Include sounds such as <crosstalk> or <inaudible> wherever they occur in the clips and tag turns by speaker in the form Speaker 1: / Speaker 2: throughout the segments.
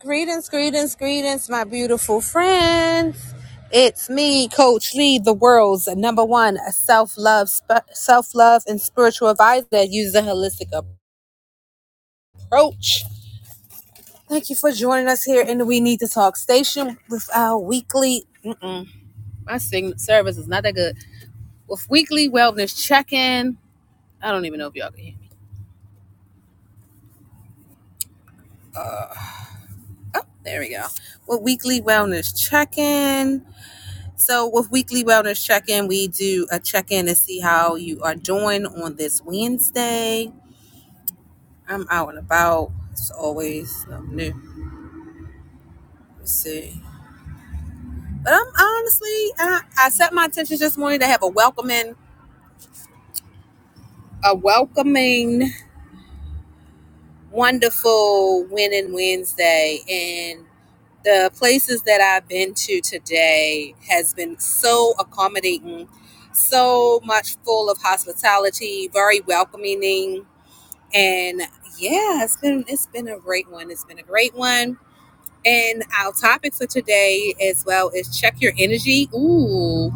Speaker 1: Greetings, greetings, greetings, my beautiful friends. It's me, Coach Lee, the world's number one self love, sp- self love, and spiritual advisor that uses a holistic approach. Thank you for joining us here in the We Need to Talk station with our weekly. Mm-mm, my signal service is not that good. With weekly wellness check in. I don't even know if y'all can hear me. Oh, there we go. With weekly wellness check in So, with weekly wellness check in, we do a check in to see how you are doing on this Wednesday. I'm out and about. It's always something new. Let's see. But I'm honestly, I, I set my intentions this morning to have a welcoming, a welcoming, wonderful winning Wednesday. And the places that I've been to today has been so accommodating, so much full of hospitality, very welcoming And yeah, it's been it's been a great one. It's been a great one. And our topic for today as well is check your energy. Ooh.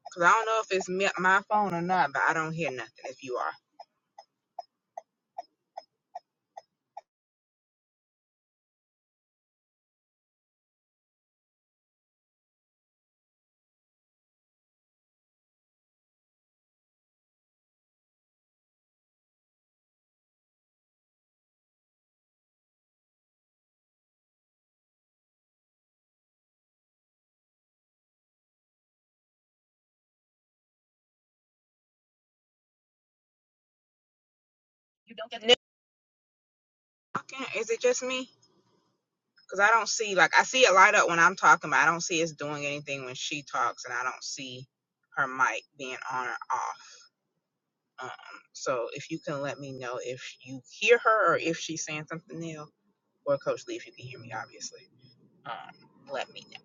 Speaker 2: Cause I don't know if it's me, my phone or not, but I don't hear nothing. If you are, you don't get talking. Is it just me? Cause I don't see like I see it light up when I'm talking, but I don't see it's doing anything when she talks, and I don't see her mic being on or off. Um, so if you can let me know if you hear her or if she's saying something new, or Coach Lee, if you can hear me, obviously, um, let me know.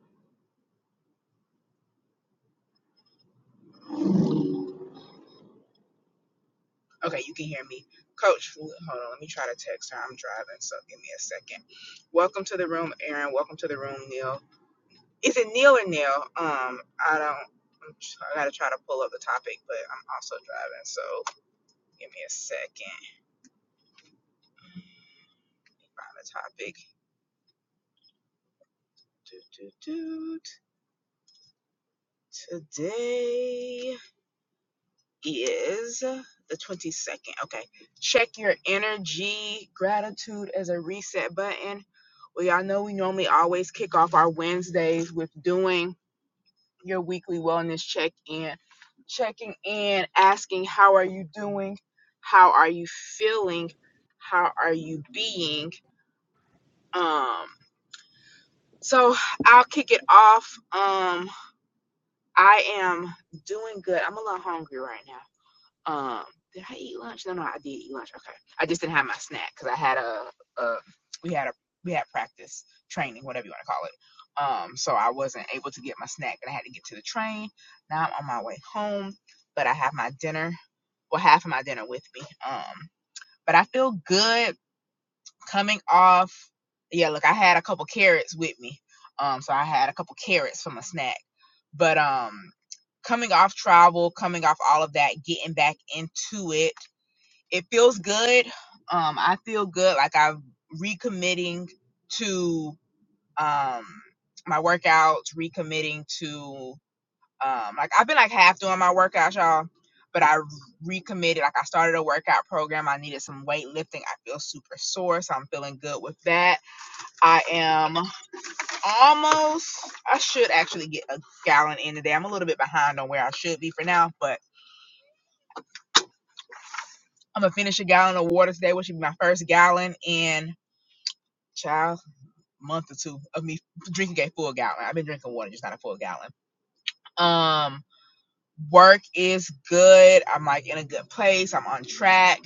Speaker 2: Okay, you can hear me, Coach. Hold on, let me try to text her. I'm driving, so give me a second. Welcome to the room, Aaron. Welcome to the room, Neil. Is it Neil or Neil? Um, I don't. I'm tr- I gotta try to pull up the topic, but I'm also driving, so give me a second. Find the topic. Doot, doot, doot. Today is the 22nd. Okay. Check your energy. Gratitude as a reset button. Well, you all know we normally always kick off our Wednesdays with doing your weekly wellness check in, checking in, asking how are you doing, how are you feeling, how are you being. Um, so I'll kick it off. Um, I am doing good. I'm a little hungry right now. Um, did I eat lunch? No, no, I did eat lunch. Okay, I just didn't have my snack because I had a, a we had a we had practice training, whatever you want to call it. Um, so I wasn't able to get my snack, and I had to get to the train. Now I'm on my way home, but I have my dinner, well, half of my dinner with me. Um, but I feel good coming off. Yeah, look, I had a couple carrots with me. Um, so I had a couple carrots for my snack, but um, coming off travel, coming off all of that, getting back into it it feels good. Um, I feel good. Like I'm recommitting to um my workouts, recommitting to um like I've been like half doing my workouts, y'all. But I recommitted. Like I started a workout program. I needed some weightlifting. I feel super sore, so I'm feeling good with that. I am almost. I should actually get a gallon in today. I'm a little bit behind on where I should be for now, but I'm gonna finish a gallon of water today, which should be my first gallon in. Child month or two of me drinking a full gallon. I've been drinking water, just not a full gallon. Um, work is good. I'm like in a good place. I'm on track.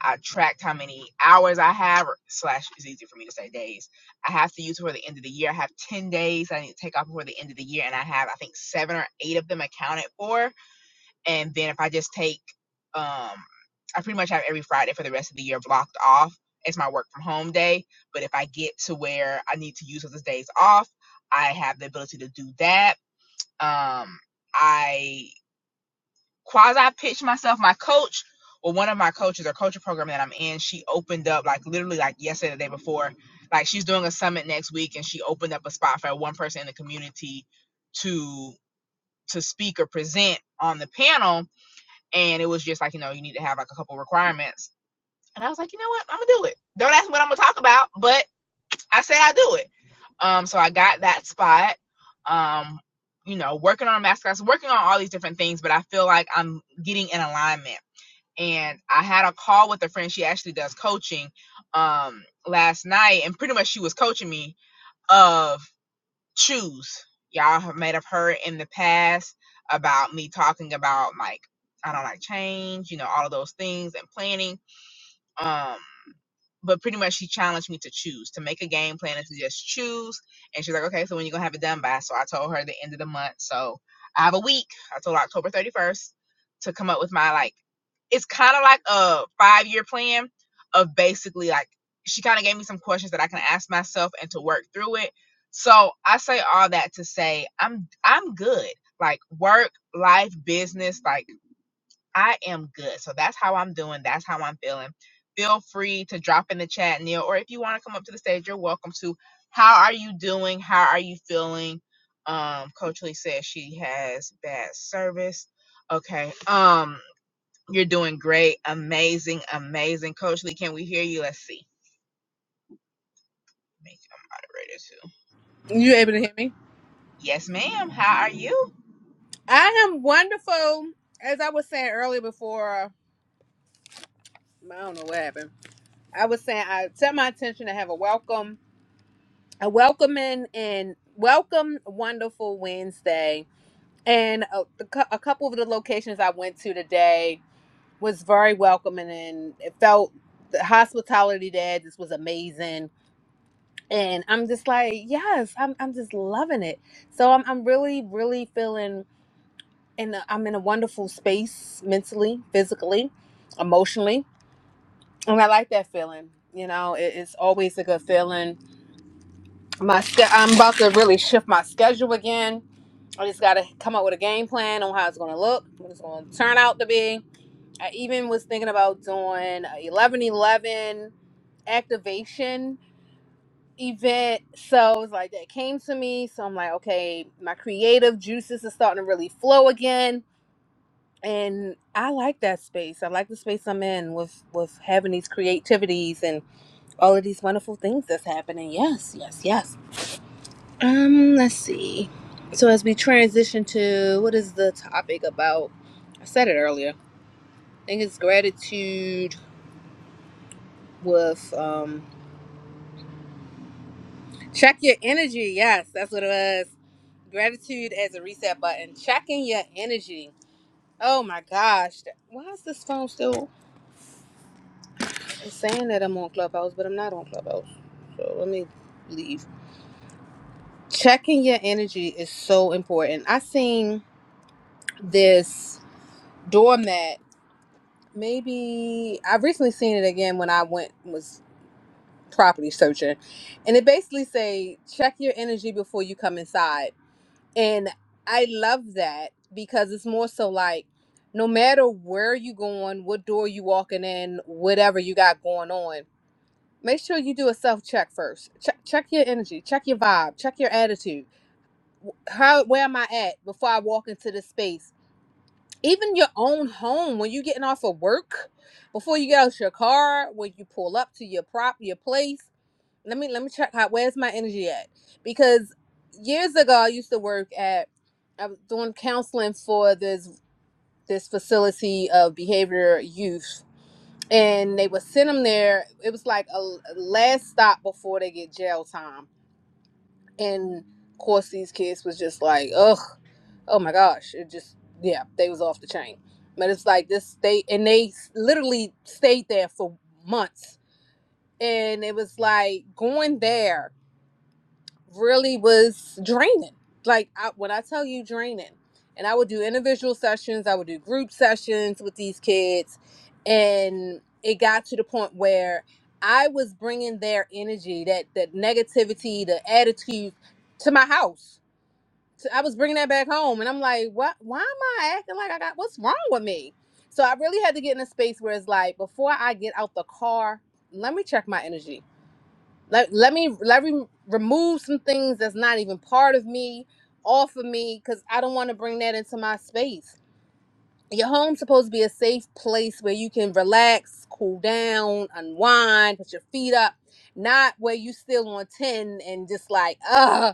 Speaker 2: I tracked how many hours I have, slash, it's easy for me to say days. I have to use before the end of the year. I have 10 days I need to take off before the end of the year, and I have, I think, seven or eight of them accounted for and then if I just take um I pretty much have every Friday for the rest of the year blocked off. It's my work from home day, but if I get to where I need to use those days off, I have the ability to do that. Um I quasi pitch myself my coach well, one of my coaches or coaching program that I'm in, she opened up like literally like yesterday, the day before, like she's doing a summit next week, and she opened up a spot for one person in the community to to speak or present on the panel and it was just like you know you need to have like a couple requirements and i was like you know what i'm gonna do it don't ask me what i'm gonna talk about but i say i do it um so i got that spot um you know working on mascots working on all these different things but i feel like i'm getting in alignment and i had a call with a friend she actually does coaching um last night and pretty much she was coaching me of choose. Y'all have may have heard in the past about me talking about like I don't like change, you know, all of those things and planning. Um, but pretty much she challenged me to choose to make a game plan and to just choose and she's like okay so when you gonna have it done by so i told her the end of the month so i have a week i told her october 31st to come up with my like it's kind of like a five year plan of basically like she kind of gave me some questions that i can ask myself and to work through it so i say all that to say i'm i'm good like work life business like I am good. So that's how I'm doing. That's how I'm feeling. Feel free to drop in the chat, Neil, or if you want to come up to the stage, you're welcome to. How are you doing? How are you feeling? Um, Coach Lee says she has bad service. Okay. Um, you're doing great. Amazing, amazing. Coach Lee, can we hear you? Let's see. Make you a moderator too.
Speaker 3: You able to hear me?
Speaker 2: Yes, ma'am. How are you?
Speaker 3: I am wonderful. As I was saying earlier before, I don't know what happened. I was saying I set my intention to have a welcome, a welcoming and welcome wonderful Wednesday. And a, the cou- a couple of the locations I went to today was very welcoming and it felt the hospitality there just was amazing. And I'm just like, yes, I'm, I'm just loving it. So I'm, I'm really, really feeling and uh, I'm in a wonderful space mentally, physically, emotionally, and I like that feeling. You know, it, it's always a good feeling. My sch- I'm about to really shift my schedule again. I just got to come up with a game plan on how it's going to look, what it's going to turn out to be. I even was thinking about doing a 11 eleven activation event. So it's like that came to me. So I'm like, okay, my creative juices are starting to really flow again and I like that space. I like the space I'm in with with having these creativities and all of these wonderful things that's happening. Yes, yes, yes. Um, let's see. So as we transition to what is the topic about? I said it earlier. I think it's gratitude with um check your energy. Yes, that's what it was. Gratitude as a reset button. Checking your energy. Oh my gosh. Why is this phone still? It's saying that I'm on Clubhouse, but I'm not on Clubhouse. So let me leave. Checking your energy is so important. I seen this doormat. Maybe I've recently seen it again when I went was property searching, and it basically say check your energy before you come inside. And I love that because it's more so like no matter where you going, what door you walking in, whatever you got going on make sure you do a self check first. Check check your energy, check your vibe, check your attitude. How where am I at before I walk into this space? Even your own home, when you're getting off of work, before you get out your car, when you pull up to your prop, your place. Let me let me check how where's my energy at? Because years ago I used to work at I was doing counseling for this this facility of behavior youth and they would send them there. It was like a l- last stop before they get jail time. And of course, these kids was just like, ugh, oh my gosh, it just yeah, they was off the chain. But it's like this state, and they s- literally stayed there for months, and it was like going there really was draining. Like I, when I tell you draining, and I would do individual sessions, I would do group sessions with these kids, and it got to the point where I was bringing their energy, that that negativity, the attitude, to my house. So I was bringing that back home, and I'm like, what? Why am I acting like I got? What's wrong with me? So I really had to get in a space where it's like, before I get out the car, let me check my energy let, let me let me remove some things that's not even part of me off of me because i don't want to bring that into my space your home's supposed to be a safe place where you can relax cool down unwind put your feet up not where you still on 10 and just like uh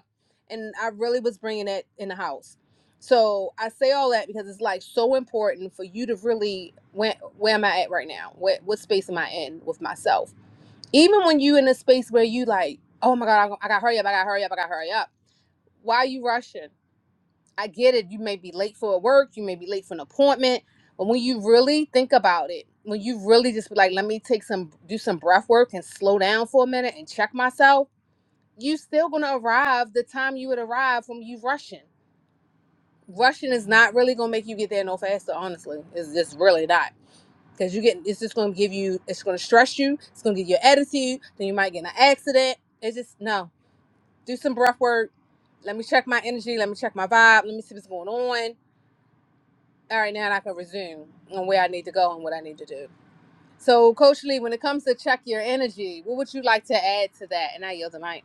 Speaker 3: and i really was bringing that in the house so i say all that because it's like so important for you to really where, where am i at right now what, what space am i in with myself even when you in a space where you like, oh my god, I, I gotta hurry up, I gotta hurry up, I gotta hurry up. Why are you rushing? I get it. You may be late for work, you may be late for an appointment, but when you really think about it, when you really just be like, let me take some, do some breath work and slow down for a minute and check myself, you still gonna arrive the time you would arrive from you rushing. Rushing is not really gonna make you get there no faster. Honestly, it's just really not because you get it's just going to give you it's going to stress you it's going to give you an attitude then you might get in an accident it's just no do some breath work let me check my energy let me check my vibe let me see what's going on all right now i can resume on where i need to go and what i need to do so coach lee when it comes to check your energy what would you like to add to that and i yield the mic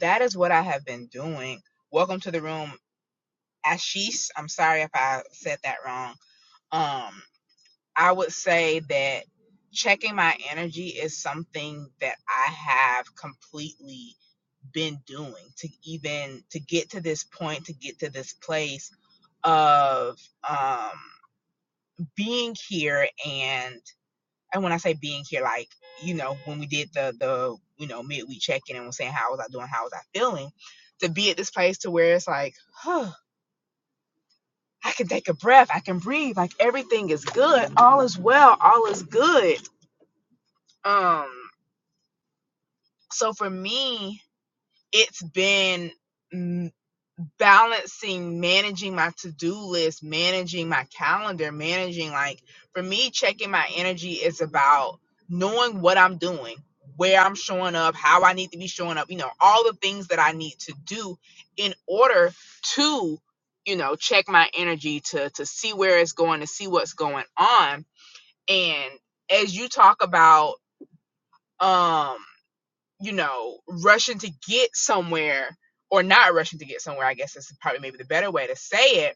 Speaker 2: That is what I have been doing. Welcome to the room, Ashish. I'm sorry if I said that wrong. Um, I would say that checking my energy is something that I have completely been doing to even to get to this point, to get to this place of um being here and and when I say being here, like, you know, when we did the the, you know, midweek check-in and was saying how was I doing, how was I feeling, to be at this place to where it's like, huh, I can take a breath, I can breathe, like everything is good, all is well, all is good um So for me, it's been mm, balancing, managing my to do list, managing my calendar, managing like for me, checking my energy is about knowing what I'm doing, where I'm showing up, how I need to be showing up, you know, all the things that I need to do in order to you know check my energy to to see where it's going to see what's going on and as you talk about um you know, rushing to get somewhere or not rushing to get somewhere, I guess is probably maybe the better way to say it.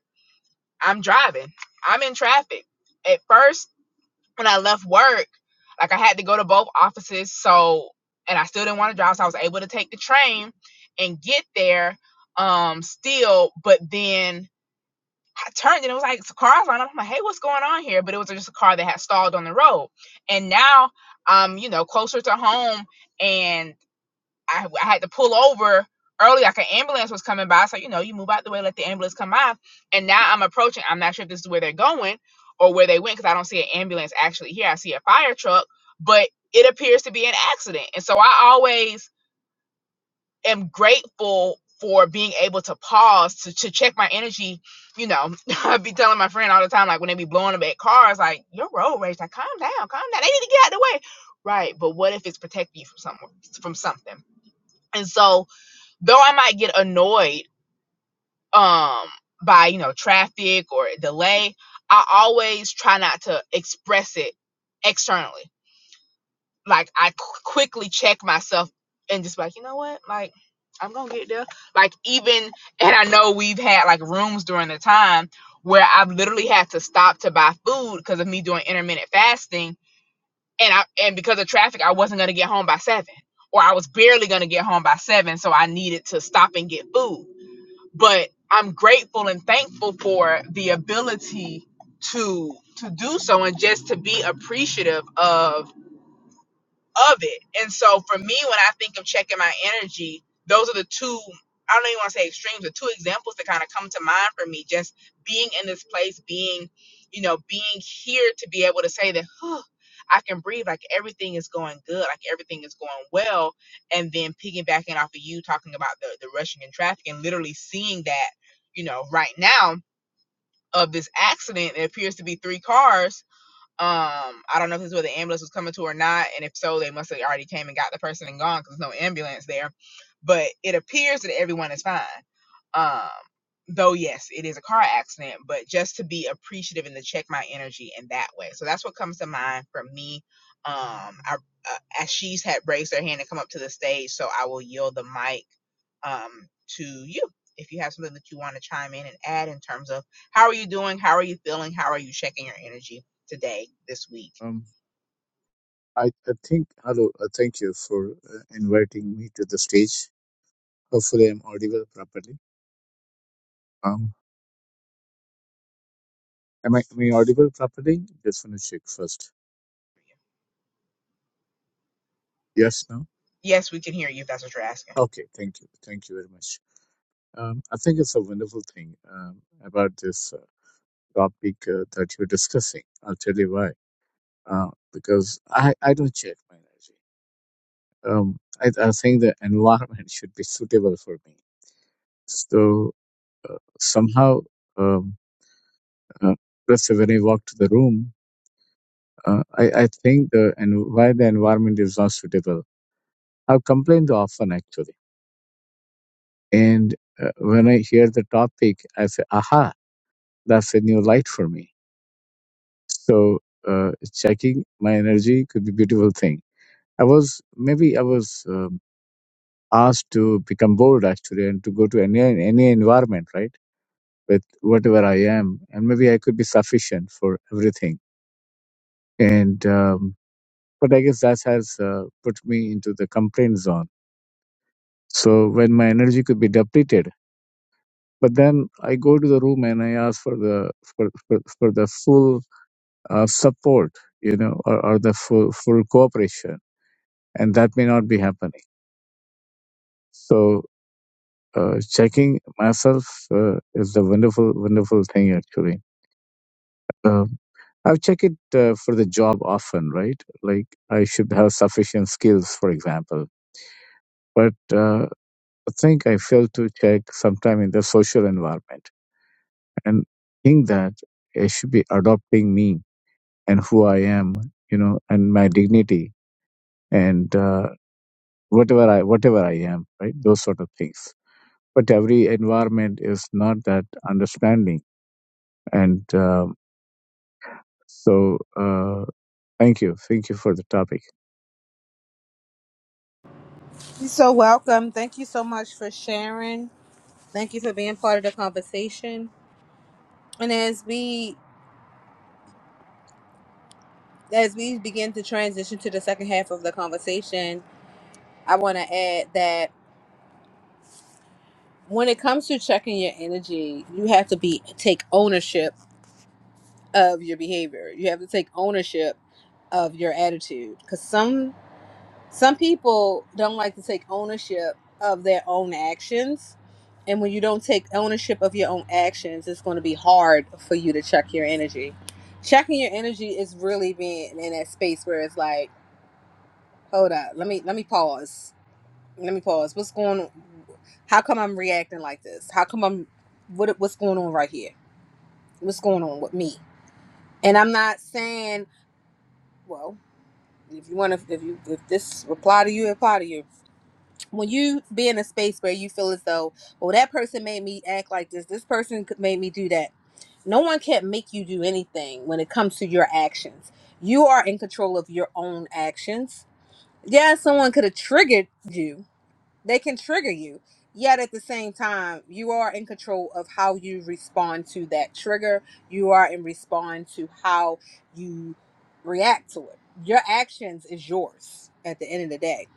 Speaker 2: I'm driving. I'm in traffic. At first, when I left work, like I had to go to both offices, so and I still didn't want to drive, so I was able to take the train and get there um still, but then I turned and it was like it's a car's line. up. I'm like, hey, what's going on here? But it was just a car that had stalled on the road. And now I'm, you know, closer to home and I, I had to pull over early, like an ambulance was coming by. So, you know, you move out the way, let the ambulance come by. And now I'm approaching, I'm not sure if this is where they're going or where they went because I don't see an ambulance actually here. I see a fire truck, but it appears to be an accident. And so I always am grateful for being able to pause to, to check my energy. You know, <laughs> I be telling my friend all the time, like when they be blowing up at cars, like your road rage, like calm down, calm down. They need to get out of the way. Right. But what if it's protecting you from someone from something? And so though I might get annoyed um by you know traffic or delay, I always try not to express it externally. Like I qu- quickly check myself and just be like you know what, like I'm gonna get there. Like even and I know we've had like rooms during the time where I've literally had to stop to buy food because of me doing intermittent fasting, and I and because of traffic, I wasn't gonna get home by seven, or I was barely gonna get home by seven, so I needed to stop and get food but I'm grateful and thankful for the ability to to do so and just to be appreciative of of it. And so for me, when I think of checking my energy, those are the two, I don't even want to say extremes, the two examples that kind of come to mind for me. Just being in this place, being, you know, being here to be able to say that, "Whew, I can breathe, like everything is going good, like everything is going well. And then piggybacking off of you talking about the, the rushing in traffic and literally seeing that, you know, right now of this accident, it appears to be three cars um, I don't know if this is where the ambulance was coming to or not, and if so, they must have already came and got the person and gone because there's no ambulance there. But it appears that everyone is fine. Um, though yes, it is a car accident, but just to be appreciative and to check my energy in that way. So that's what comes to mind for me. Um, I, uh, Ashish had raised their hand and come up to the stage, so I will yield the mic um, to you if you have something that you want to chime in and add in terms of how are you doing, how are you feeling, how are you checking your energy today, this week.
Speaker 4: Um, I, I think, hello, uh, thank you for uh, inviting me to the stage. Hopefully, I'm audible properly. Um, am I, am I audible properly? Just want to check first. Yes, no?
Speaker 2: Yes, we can hear you if that's what you're asking.
Speaker 4: Okay, thank you. Thank you very much. Um, I think it's a wonderful thing um, about this uh, topic uh, that you're discussing. I'll tell you why. Uh, because I, I don't check my energy. Um, I, I think the environment <laughs> should be suitable for me. So somehow. um, Uh, that's when I walked the room. Uh, I, I think the and why the environment is not suitable. I've complained often actually, and uh, when I hear the topic, I say, "Aha, that's a new light for me." So uh, checking my energy could be a beautiful thing. I was maybe I was um, asked to become bold actually and to go to any any environment right with whatever I am, and maybe I could be sufficient for everything and. Um, but I guess that has uh, put me into the complaint zone. So when my energy could be depleted, but then I go to the room and I ask for the for for, for the full uh, support, you know, or, or the full full cooperation, and that may not be happening. So. Uh, checking myself uh, is the wonderful, wonderful thing actually. Um, I've checked it uh, for the job often, right? Like I should have sufficient skills, for example. But uh, I think I failed to check sometime in the social environment and think that it should be adopting me and who I am, you know, and my dignity and uh, whatever I whatever I am, right? Those sort of things. But every environment is not that understanding, and um, so uh, thank you, thank you for the topic.
Speaker 3: You're so welcome. Thank you so much for sharing. Thank you for being part of the conversation. And as we as we begin to transition to the second half of the conversation, I want to add that when it comes to checking your energy, you have to be take ownership of your behavior. You have to take ownership of your attitude because some some people don't like to take ownership of their own actions, and when you don't take ownership of your own actions, it's going to be hard for you to check your energy. Checking your energy is really being in that space where it's like, hold up, let me let me pause Let me pause. What's going on? How come I'm reacting like this? How come I'm what what's going on right here? What's going on with me? And I'm not saying, well, if you want to if you if this apply to you, it apply to you. When you be in a space where you feel as though, well, that person made me act like this. This person could- made me do that. No one can make you do anything when it comes to your actions. You are in control of your own actions. Yeah, someone could have triggered you, they can trigger you yet at the same time you are in control of how you respond to that trigger you are in respond to how you react to it your actions is yours at the end of the day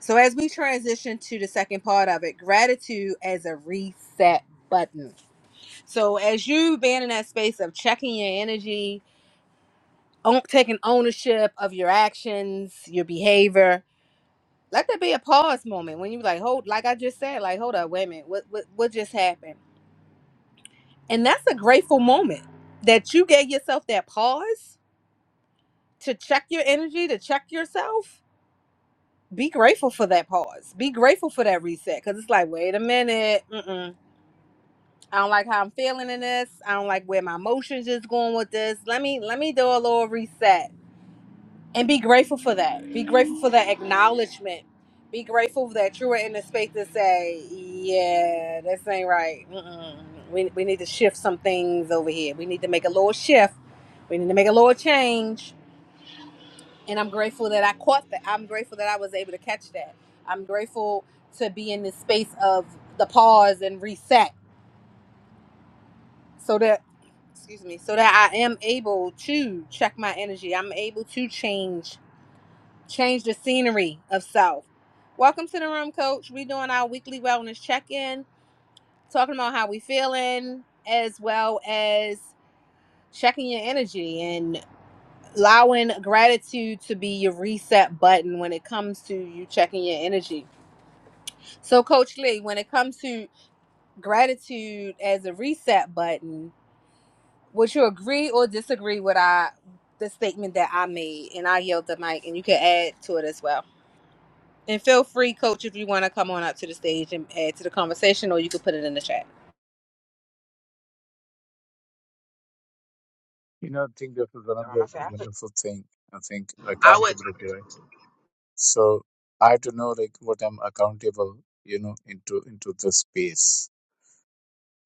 Speaker 3: so as we transition to the second part of it gratitude as a reset button so as you being in that space of checking your energy own- taking ownership of your actions your behavior let there be a pause moment when you like hold like i just said like hold up wait a minute what what, what just happened and that's a grateful moment that you gave yourself that pause to check your energy to check yourself be grateful for that pause be grateful for that reset because it's like wait a minute mm-mm. i don't like how i'm feeling in this i don't like where my emotions is going with this let me let me do a little reset and be grateful for that. Be grateful for that acknowledgement. Be grateful that you were in the space to say, "Yeah, this ain't right. Mm-mm. We we need to shift some things over here. We need to make a little shift. We need to make a little change." And I'm grateful that I caught that. I'm grateful that I was able to catch that. I'm grateful to be in this space of the pause and reset, so that excuse me, so that I am able to check my energy. I'm able to change change the scenery of South. Welcome to the room, Coach. We're doing our weekly wellness check-in, talking about how we feeling, as well as checking your energy and allowing gratitude to be your reset button when it comes to you checking your energy. So, Coach Lee, when it comes to gratitude as a reset button, would you agree or disagree with I the statement that I made? And I yield the mic, and you can add to it as well. And feel free, coach, if you want to come on up to the stage and add to the conversation, or you can put it in the chat.
Speaker 4: You know, I think this is
Speaker 2: Um, I,
Speaker 4: another
Speaker 2: said, I,
Speaker 4: wonderful thing. I think
Speaker 2: I would,
Speaker 4: accountability, right? So I have to know like what I'm accountable, you know, into into the space,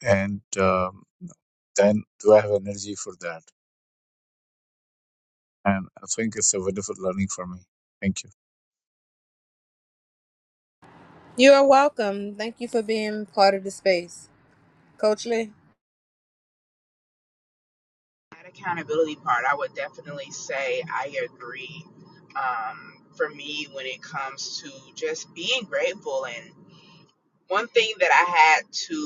Speaker 4: and um, then do I have energy for that? And I think it's a wonderful learning for me. Thank you.
Speaker 3: You are welcome. Thank you for being part of the space, Coach Lee.
Speaker 2: that accountability part, I would definitely say I agree. Um, for me, when it comes to just being grateful, and one thing that I had to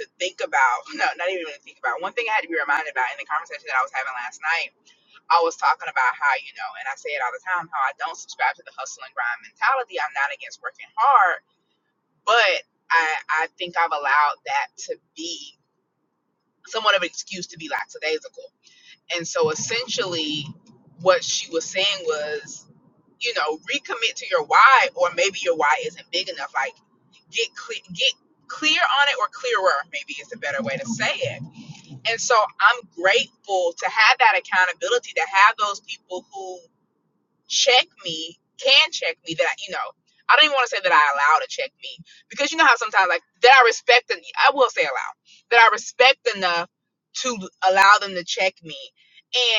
Speaker 2: to think about, <laughs> no, not even really think about, one thing I had to be reminded about in the conversation that I was having last night, I was talking about how, you know, and I say it all the time, how I don't subscribe to the hustle and grind mentality. I'm not against working hard But I, I think I've allowed that to be somewhat of an excuse to be lackadaisical. And so essentially, what she was saying was, you know, recommit to your why, or maybe your why isn't big enough. Like, get clear, get clear on it, or clearer, maybe is a better way to say it. And so I'm grateful to have that accountability, to have those people who check me, can check me that, you know, I don't even want to say that I allow to check me because you know how sometimes like that I respect and I will say allow that I respect enough to allow them to check me.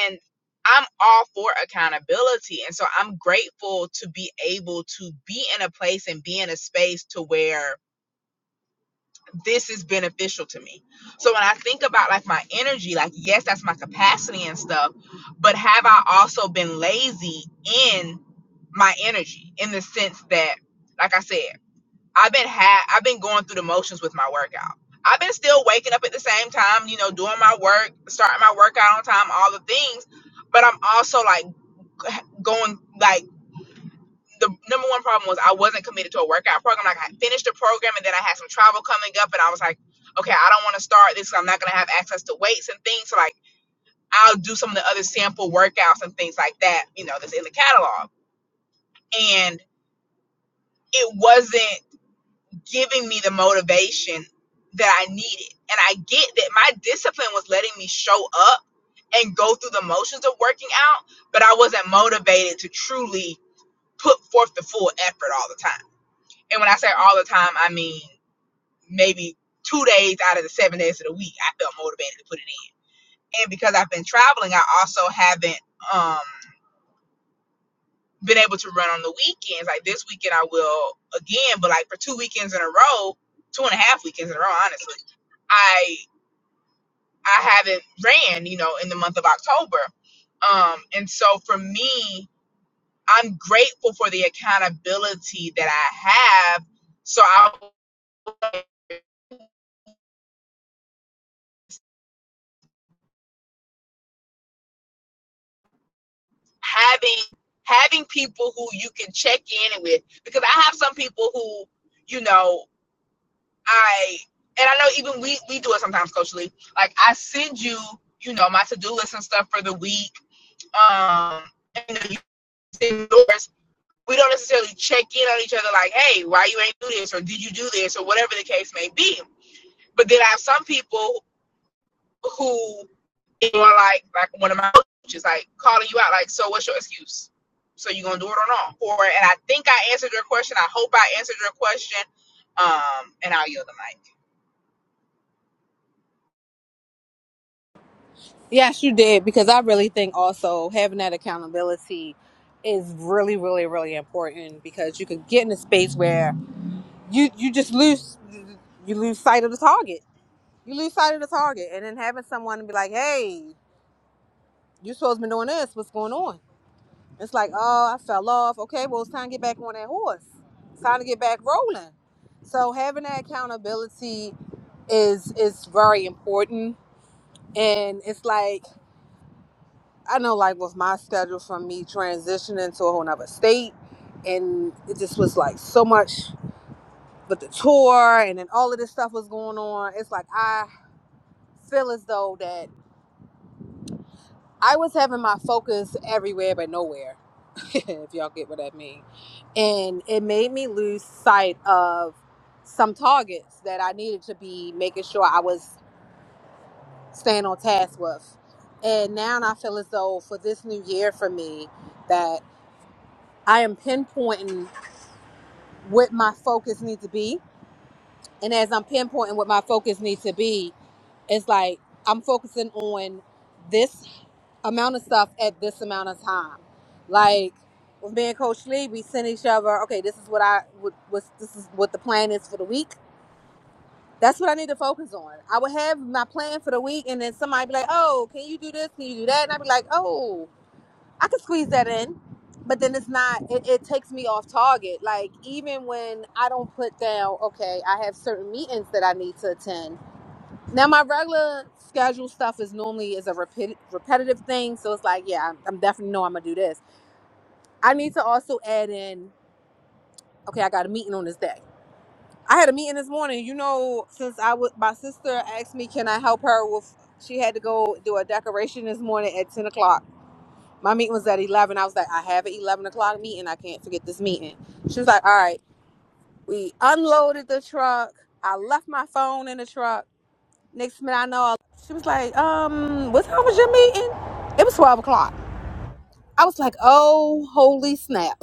Speaker 2: And I'm all for accountability. And so I'm grateful to be able to be in a place and be in a space to where this is beneficial to me. So when I think about like my energy, like, yes, that's my capacity and stuff, but have I also been lazy in? my energy in the sense that, like I said, I've been ha- I've been going through the motions with my workout. I've been still waking up at the same time, you know, doing my work, starting my workout on time, all the things. But I'm also like going like the number one problem was I wasn't committed to a workout program. Like I finished the program and then I had some travel coming up, and I was like, okay, I don't want to start this. 'cause I'm not gonna have access to weights and things. So like I'll do some of the other sample workouts and things like that, you know, that's in the catalog. And it wasn't giving me the motivation that I needed. And I get that my discipline was letting me show up and go through the motions of working out, but I wasn't motivated to truly put forth the full effort all the time. And when I say all the time, I mean maybe two days out of the seven days of the week, I felt motivated to put it in. And because I've been traveling, I also haven't um, been able to run on the weekends. Like this weekend, I will again, but like for two weekends in a row, two and a half weekends in a row, honestly I I haven't ran, you know, in the month of October. Um, and so for me, I'm grateful for the accountability that I have. So I having having people who you can check in with because I have some people who, you know, I and I know even we we do it sometimes socially. Like I send you, you know, my to do list and stuff for the week. Um and you know, you send yours we don't necessarily check in on each other like, hey, why you ain't do this or did you do this or whatever the case may be. But then I have some people who are like, like one of my coaches, like calling you out, like, so what's your excuse? So you gonna do it or not? Or and I think I answered your question. I hope I answered your question. Um, and I'll yield the mic.
Speaker 3: Yes, you did, because I really think also having that accountability is really, really, really important because you can get in a space where you you just lose you lose sight of the target. You lose sight of the target, and then having someone be like, "Hey, you supposed to be doing this. What's going on?" It's like, oh, I fell off. Okay, well, it's time to get back on that horse. It's time to get back rolling. So having that accountability is is very important. And it's like I know, like with my schedule from me transitioning to a whole nother state, and it just was like so much with the tour, and then all of this stuff was going on. It's like I feel as though that. I was having my focus everywhere but nowhere, <laughs> if y'all get what I mean. And it made me lose sight of some targets that I needed to be making sure I was staying on task with. And now I feel as though for this new year for me that I am pinpointing what my focus needs to be. And as I'm pinpointing what my focus needs to be, it's like I'm focusing on this amount of stuff at this amount of time. Like with me and Coach Lee, we send each other, okay, this is what I would what's this is what the plan is for the week. That's what I need to focus on. I would have my plan for the week and then somebody be like, Oh, can you do this? Can you do that? And I'd be like, Oh, I could squeeze that in. But then it's not it, it takes me off target. Like even when I don't put down, okay, I have certain meetings that I need to attend now my regular schedule stuff is normally is a repeat, repetitive thing, so it's like, yeah, I'm, I'm definitely know I'm gonna do this. I need to also add in, okay, I got a meeting on this day. I had a meeting this morning. You know, since I was my sister asked me, can I help her with? She had to go do a decoration this morning at ten o'clock. My meeting was at eleven. I was like, I have an eleven o'clock meeting. I can't forget this meeting. She was like, all right. We unloaded the truck. I left my phone in the truck Next minute I know she was like, um, what time was your meeting? It was twelve o'clock. I was like, oh holy snap.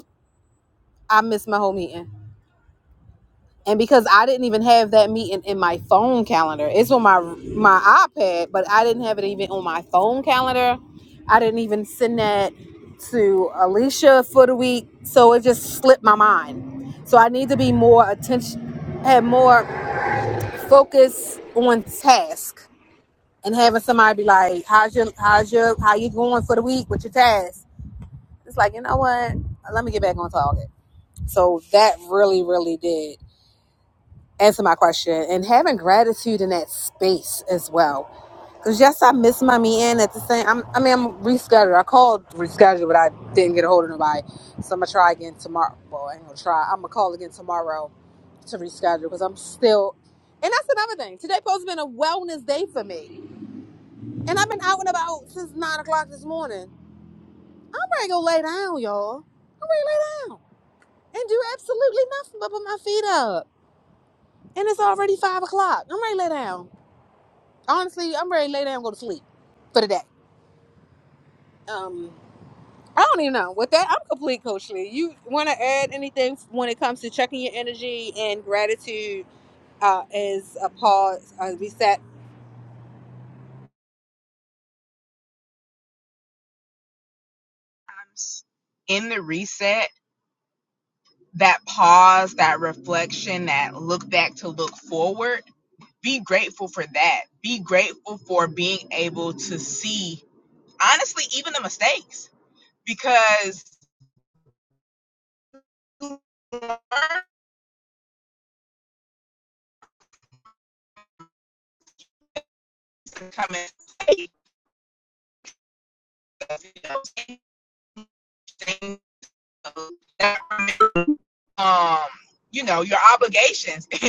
Speaker 3: I missed my whole meeting. And because I didn't even have that meeting in my phone calendar. It's on my my iPad, but I didn't have it even on my phone calendar. I didn't even send that to Alicia for the week. So it just slipped my mind. So I need to be more attention have more focus on task and having somebody be like, "How's your how's your how you going for the week with your tasks?" It's like you know what? Let me get back on target. So that really, really did answer my question, and having gratitude in that space as well. Because yes, I miss my meeting at the same. I'm, I mean, I'm rescheduled. I called rescheduled, but I didn't get a hold of nobody. So I'm gonna try again tomorrow. Well, I ain't gonna try. I'm gonna call again tomorrow to reschedule because I'm still. And that's another thing. Today supposed to been a wellness day for me. And I've been out and about since nine o'clock this morning. I'm ready to go lay down, y'all. I'm ready to lay down and do absolutely nothing but put my feet up. And it's already five o'clock. I'm ready to lay down. Honestly, I'm ready to lay down and go to sleep for the day. Um, I don't even know. With that, I'm complete, Coach Lee. You want to add anything when it comes to checking your energy and gratitude uh, is a pause, a reset?
Speaker 2: In the reset, that pause, that reflection, that look back to look forward. Be grateful for that. Be grateful for being able to see honestly, even the mistakes, because you learn to come in you know, Um, you know, your obligations. <laughs> and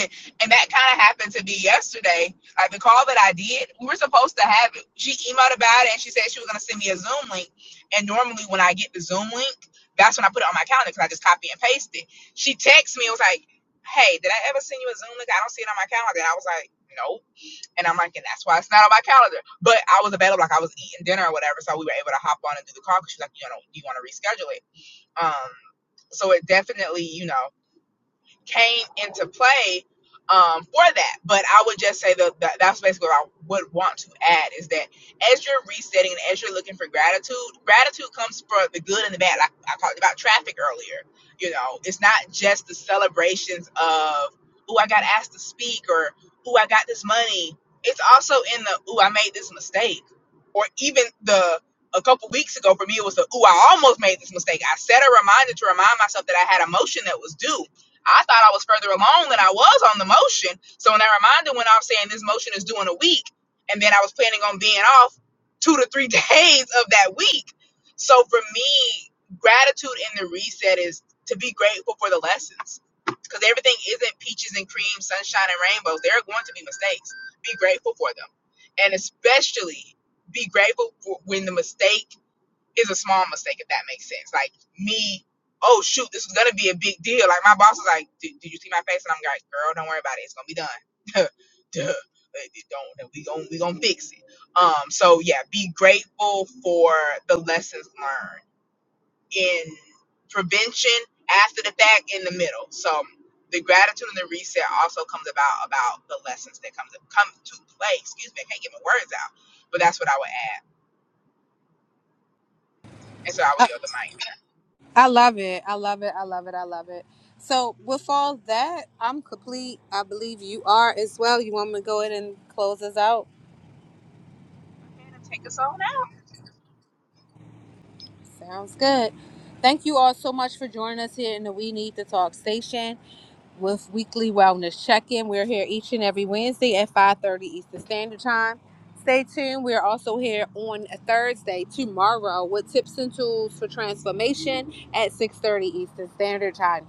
Speaker 2: that kind of happened to be yesterday. Like the call that I did, we were supposed to have it. She emailed about it and she said she was going to send me a Zoom link. And normally when I get the Zoom link, that's when I put it on my calendar because I just copy and paste it. She texted me and was like, Hey, did I ever send you a Zoom link? I don't see it on my calendar. And I was like, Nope. And I'm like, and that's why it's not on my calendar. But I was available, like I was eating dinner or whatever, so we were able to hop on and do the call because she's like, you know, do you want to reschedule it? Um, so it definitely, you know came into play um, for that. But I would just say that, that that's basically what I would want to add is that as you're resetting and as you're looking for gratitude, gratitude comes for the good and the bad. Like I talked about traffic earlier. You know, it's not just the celebrations of "Ooh, I got asked to speak" or "Ooh, I got this money." It's also in the "Ooh, I made this mistake," or even the a couple weeks ago for me it was the "Ooh, I almost made this mistake." I set a reminder to remind myself that I had a motion that was due I thought I was further along than I was on the motion. So when I reminded when I was saying this motion is due in a week, and then I was planning on being off two to three <laughs> days of that week. So for me, gratitude in the reset is to be grateful for the lessons. Because everything isn't peaches and cream, sunshine and rainbows. There are going to be mistakes. Be grateful for them. And especially be grateful for when the mistake is a small mistake if that makes sense. Like me, oh shoot, this is gonna be a big deal. Like my boss is like, did, did you see my face? And I'm like, girl, don't worry about it. It's gonna be done. <laughs> Duh. Like, Don't we gonna we gonna fix it. Um. So yeah, be grateful for the lessons learned in prevention after the fact in the middle. So the gratitude and the reset also comes about about the lessons that comes come to play. Excuse me, I can't get my words out, but that's what I would add. And so I will yield the mic.
Speaker 3: I love it. I love it. I love it. I love it. So with all that, I'm complete. I believe you are as well. You want me to go ahead and close us out?
Speaker 2: take us on out.
Speaker 3: Sounds good. Thank you all so much for joining us here in the We Need to Talk station with weekly wellness check-in. We're here each and every Wednesday at 5:30 Eastern Standard Time. Stay tuned. We're also here on a Thursday tomorrow with tips and tools for transformation at 6:30 Eastern Standard Time.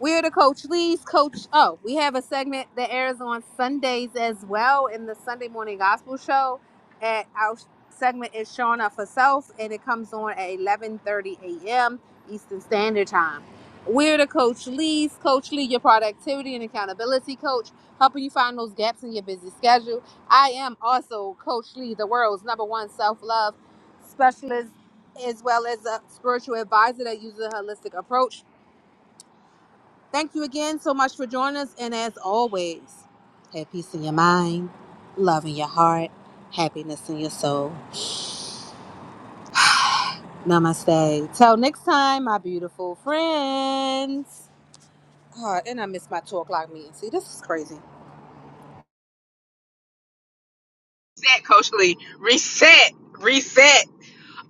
Speaker 3: We're the Coach Lee's Coach. Oh, we have a segment that airs on Sundays as well in the Sunday Morning Gospel Show. And our segment is showing up for self, and it comes on at 11:30 a.m. Eastern Standard Time. We're the Coach Lee's Coach Lee, your productivity and accountability coach, helping you find those gaps in your busy schedule. I am also Coach Lee, the world's number one self-love specialist, as well as a spiritual advisor that uses a holistic approach Thank you again so much for joining us. And as always, have peace in your mind, love in your heart, happiness in your soul. Namaste. Till next time, my beautiful friends. Oh, and I missed my two o'clock meeting. See, this is crazy.
Speaker 2: reset, Coach Lee. Reset, reset.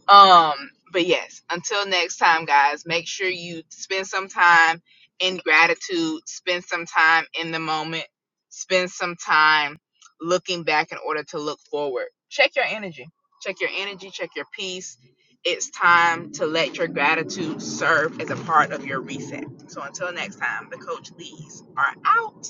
Speaker 2: Um, but yes, until next time, guys, make sure you spend some time in gratitude, spend some time in the moment, spend some time looking back in order to look forward. Check your energy. Check your energy, check your peace. It's time to let your gratitude serve as a part of your reset. So until next time, the Coach Lees are out.